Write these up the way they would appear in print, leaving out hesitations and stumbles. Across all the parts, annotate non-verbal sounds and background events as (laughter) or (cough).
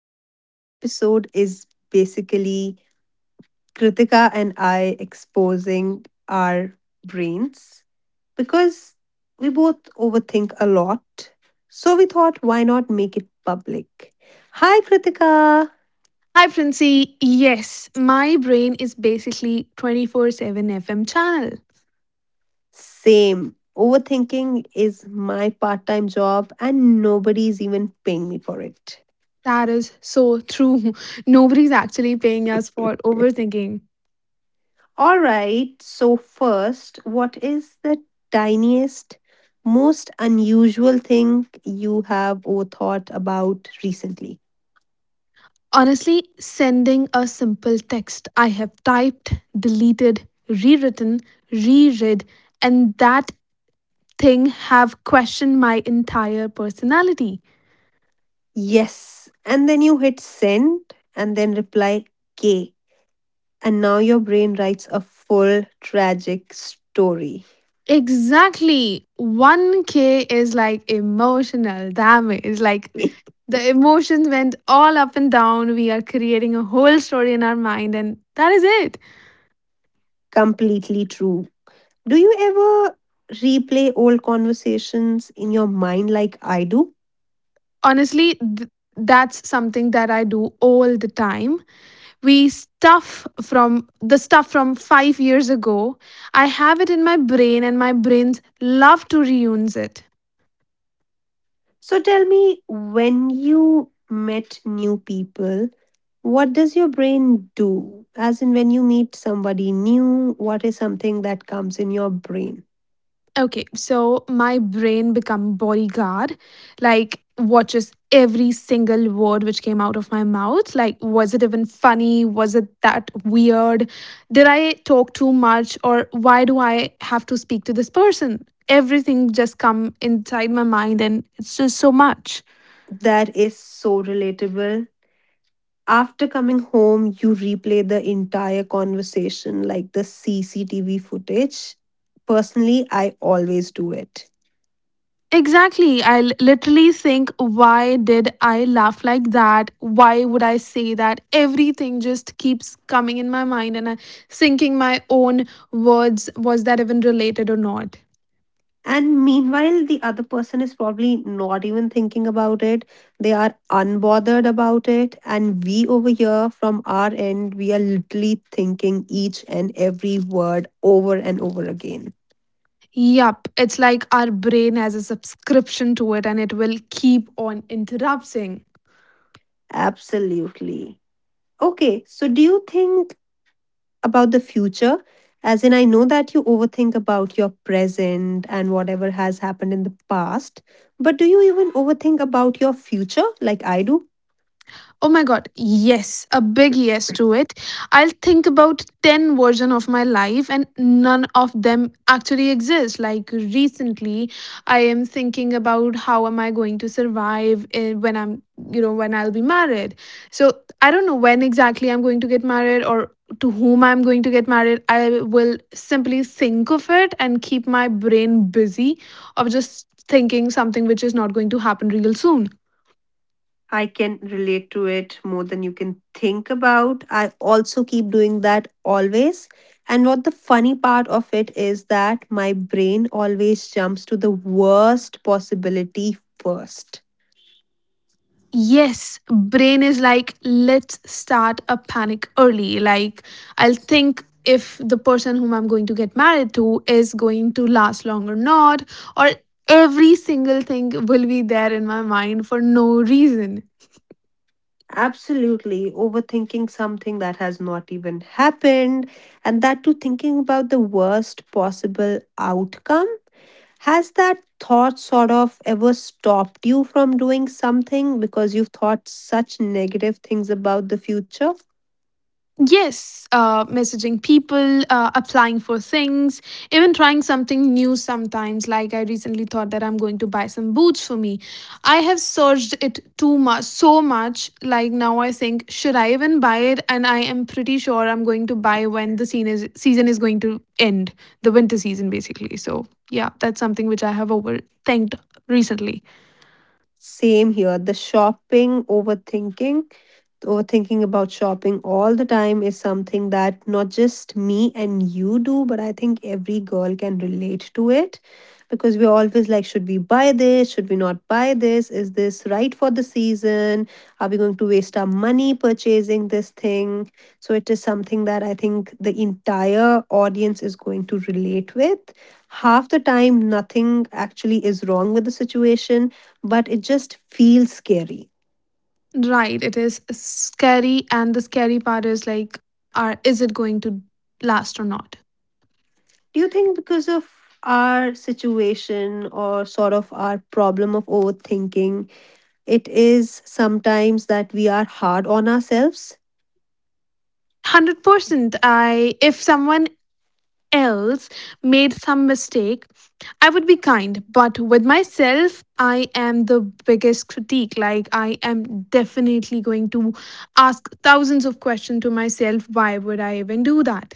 and today's episode is basically Kritika and I exposing our brains because we both overthink a lot. So we thought, why not make it public? Hi Kritika! Hi, Francie. Yes, my brain is basically 24 7 FM channel. Same. Overthinking is my part time job, and nobody's even paying me for it. That is so true. (laughs) Nobody's actually paying us for overthinking. All right, so first, what is the tiniest, most unusual thing you have or thought about recently? Honestly, sending a simple text I have typed, deleted, rewritten, reread, and that thing have questioned my entire personality. Yes. And then you hit send and then reply K. And now your brain writes a full tragic story. Exactly. 1K is like emotional damage. Like, (laughs) the emotions went all up and down. We are creating a whole story in our mind, and that is it. Completely true. Do you ever replay old conversations in your mind like I do? Honestly, that's something that I do all the time. We stuff from the stuff from 5 years ago. I have it in my brain, and my brains love to reuse it. So tell me, when you met new people, what does your brain do? As in, when you meet somebody new, what is something that comes in your brain? Okay, so my brain become bodyguard, like watches every single word which came out of my mouth. Like, was it even funny? Was it that weird? Did I talk too much? Or why do I have to speak to this person? Everything just come inside my mind and it's just so much. That is so relatable. After coming home, you replay the entire conversation, like the CCTV footage. Personally, I always do it. Exactly. Literally think, why did I laugh like that? Why would I say that? Everything just keeps coming in my mind, and I thinking my own words, was that even related or not? And meanwhile, the other person is probably not even thinking about it. They are unbothered about it. And we over here from our end, we are literally thinking each and every word over and over again. Yup. It's like our brain has a subscription to it, and it will keep on interrupting. Absolutely. Okay, so do you think about the future? As in, I know that you overthink about your present and whatever has happened in the past, but do you even overthink about your future like I do? Oh my god, yes, a big yes to it. I'll think about 10 version of my life and none of them actually exist. Like recently, I am thinking about how am I going to survive when you know, when I'll be married. So, I don't know when exactly I'm going to get married or to whom I'm going to get married. I will simply think of it and keep my brain busy of just thinking something which is not going to happen real soon. I can relate to it more than you can think about. I also keep doing that always. And what the funny part of it is that my brain always jumps to the worst possibility first. Yes, brain is like, let's start a panic early. Like, I'll think if the person whom I'm going to get married to is going to last long or not, or every single thing will be there in my mind for no reason. Absolutely. Overthinking something that has not even happened, and that too thinking about the worst possible outcome. Has that thought sort of ever stopped you from doing something because you've thought such negative things about the future? Yes, messaging people, applying for things, even trying something new sometimes. Like, I recently thought that I'm going to buy some boots for me. I have searched it too much, so much. Like, now I think, should I even buy it? And I am pretty sure I'm going to buy when season is going to end, the winter season, basically. So, yeah, that's something which I have overthinked recently. Same here, the shopping overthinking. Overthinking about shopping all the time is something that not just me and you do, but I think every girl can relate to it because we're always like, should we buy this? Should we not buy this? Is this right for the season? Are we going to waste our money purchasing this thing? So it is something that I think the entire audience is going to relate with. Half the time, nothing actually is wrong with the situation, but it just feels scary. Right, it is scary. And the scary part is like, is it going to last or not? Do you think because of our situation or sort of our problem of overthinking, it is sometimes that we are hard on ourselves? 100% I If someone else made some mistake, I would be kind, but with myself, I am the biggest critique. Like, I am definitely going to ask thousands of questions to myself, why would I even do that?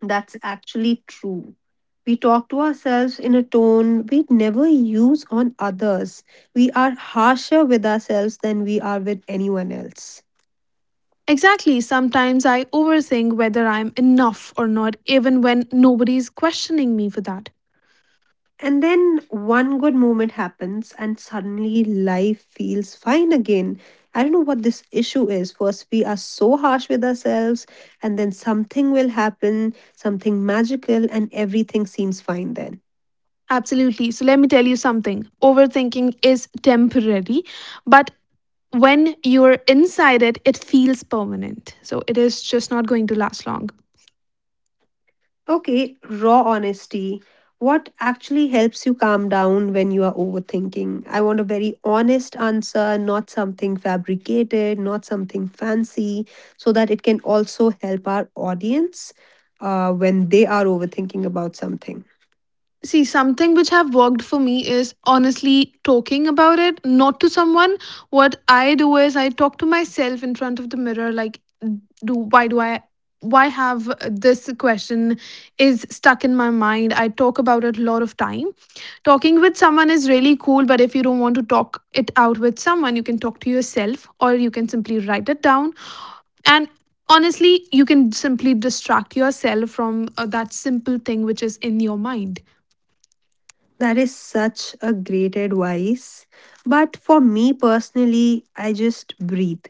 That's actually true. We talk to ourselves in a tone we never use on others. We are harsher with ourselves than we are with anyone else. Exactly. Sometimes I overthink whether I'm enough or not, even when nobody is questioning me for that. And then one good moment happens, and suddenly life feels fine again. I don't know what this issue is. First, we are so harsh with ourselves, and then something will happen, something magical, and everything seems fine then. Absolutely. So let me tell you something. Overthinking is temporary, but when you're inside it, it feels permanent. So it is just not going to last long. Okay, raw honesty. What actually helps you calm down when you are overthinking? I want a very honest answer, not something fabricated, not something fancy, so that it can also help our audience when they are overthinking about something. See, something which have worked for me is honestly talking about it, not to someone. What I do is I talk to myself in front of the mirror, like, do why do I why have this question is stuck in my mind. I talk about it a lot of time. Talking with someone is really cool, but if you don't want to talk it out with someone, you can talk to yourself or you can simply write it down. And honestly, you can simply distract yourself from that simple thing which is in your mind. That is such a great advice. But for me personally, I just breathe.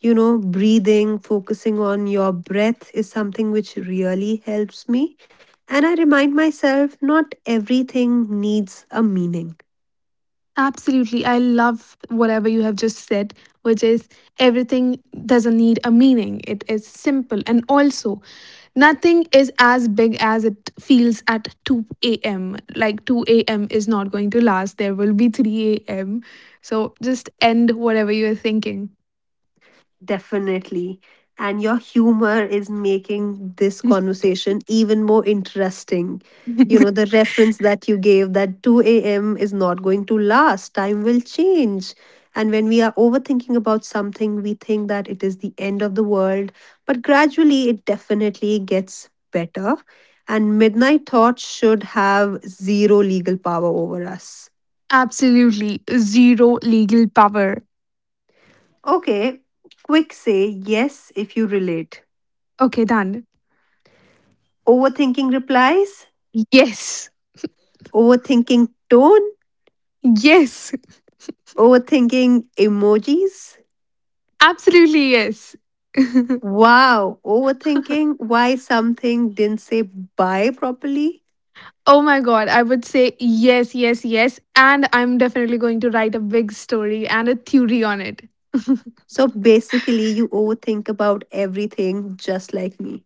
You know, breathing, focusing on your breath is something which really helps me. And I remind myself not everything needs a meaning. Absolutely. I love whatever you have just said, which is everything doesn't need a meaning. It is simple. And also, nothing is as big as it feels at 2 a.m. Like, 2 a.m. is not going to last. There will be 3 a.m. So just end whatever you are thinking. Definitely. And your humor is making this (laughs) conversation even more interesting. You know, the reference that you gave that 2 a.m. is not going to last, time will change. And when we are overthinking about something, we think that it is the end of the world. But gradually, it definitely gets better. And midnight thoughts should have zero legal power over us. Absolutely. Zero legal power. Okay, quick say yes if you relate. Okay, done. Overthinking replies, Yes. overthinking tone, Yes. overthinking emojis. Absolutely, yes. Wow, overthinking why something didn't say bye properly. Oh my god, I would say yes, yes, yes. And I'm definitely going to write a big story and a theory on it. (laughs) So basically, you overthink about everything just like me.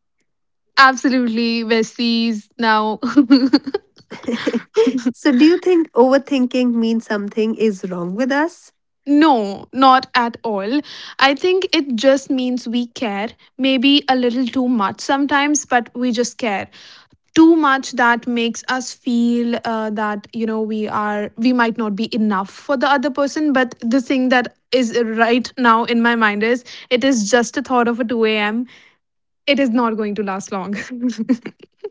Absolutely, besties. Now, (laughs) (laughs) So, do you think overthinking means something is wrong with us? no, not at all. I think it just means we care. Maybe a little too much sometimes, but we just care. Too much that makes us feel that, we might not be enough for the other person. But the thing that is right now in my mind is it is just a thought of a 2 a.m. It is not going to last long.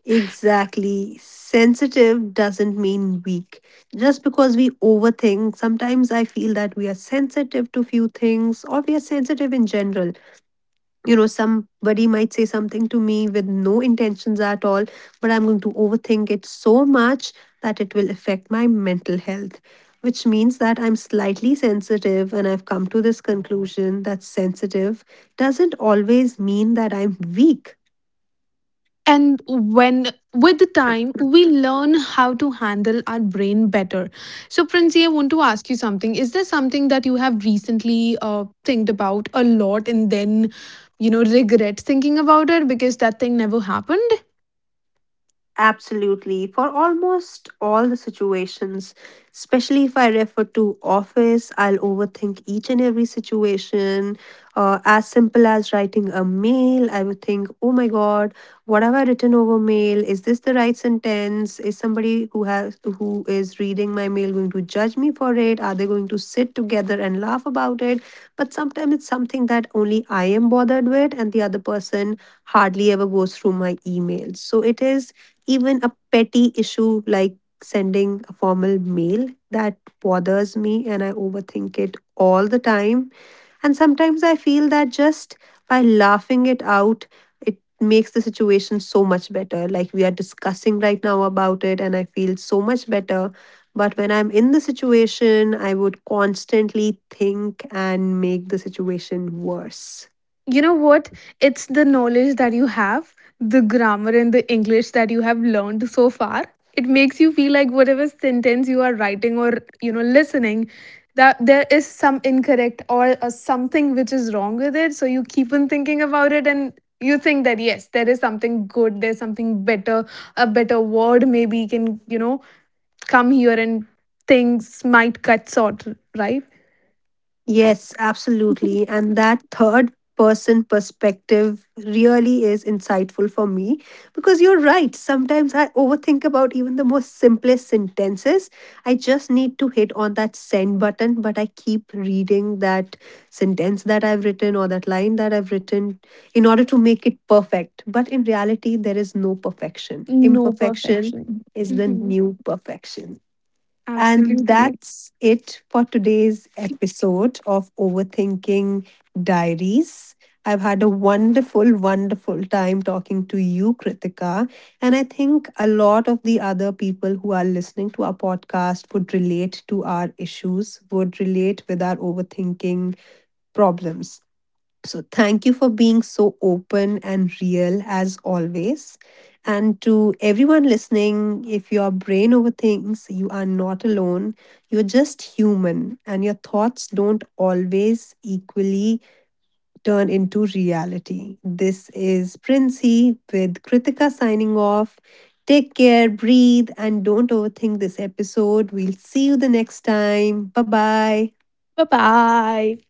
Exactly. Sensitive doesn't mean weak. Just because we overthink, sometimes I feel that we are sensitive to few things or we are sensitive in general. You know, somebody might say something to me with no intentions at all, but I'm going to overthink it so much that it will affect my mental health, which means that I'm slightly sensitive. And I've come to this conclusion that sensitive doesn't always mean that I'm weak. (laughs) and when, with the time, we learn how to handle our brain better. So, Princy, I want to ask you something. Is there something that you have recently think about a lot and then, you know, regret thinking about it because that thing never happened? Absolutely. For almost all the situations, especially if I refer to office, I'll overthink each and every situation. As simple as writing a mail, I would think, oh my God, what have I written over mail? Is this the right sentence? Is somebody who is reading my mail going to judge me for it? Are they going to sit together and laugh about it? But sometimes it's something that only I am bothered with, and the other person hardly ever goes through my emails. So it is even a petty issue like sending a formal mail that bothers me and I overthink it all the time. And sometimes I feel that just by laughing it out, it makes the situation so much better. Like we are discussing right now about it, and I feel so much better. But when I'm in the situation, I would constantly think and make the situation worse. You know what? It's the knowledge that you have, the grammar and the English that you have learned so far. It makes you feel like whatever sentence you are writing or, you know, listening, that there is some incorrect or something which is wrong with it. So you keep on thinking about it and you think that, yes, there is something good, there's something better, a better word maybe can, you know, come here and things might cut short, right? Yes, absolutely. And that third person perspective really is insightful for me because you're right. Sometimes I overthink about even the most simplest sentences. I just need to hit on that send button, but I keep reading that sentence that I've written or that line that I've written in order to make it perfect. But in reality, there is no perfection. No Imperfection perfection. is the Mhm. new perfection. And Absolutely. that's it for today's episode of Overthinking Diaries. I've had a wonderful, wonderful time talking to you, Kritika. And I think a lot of the other people who are listening to our podcast would relate to our issues, would relate with our overthinking problems. So thank you for being so open and real as always. And to everyone listening, if your brain overthinks, you are not alone. You're just human, and your thoughts don't always equally turn into reality. This is Princey with Kritika signing off. Take care, breathe, and don't overthink this episode. We'll see you the next time. Bye bye. Bye bye.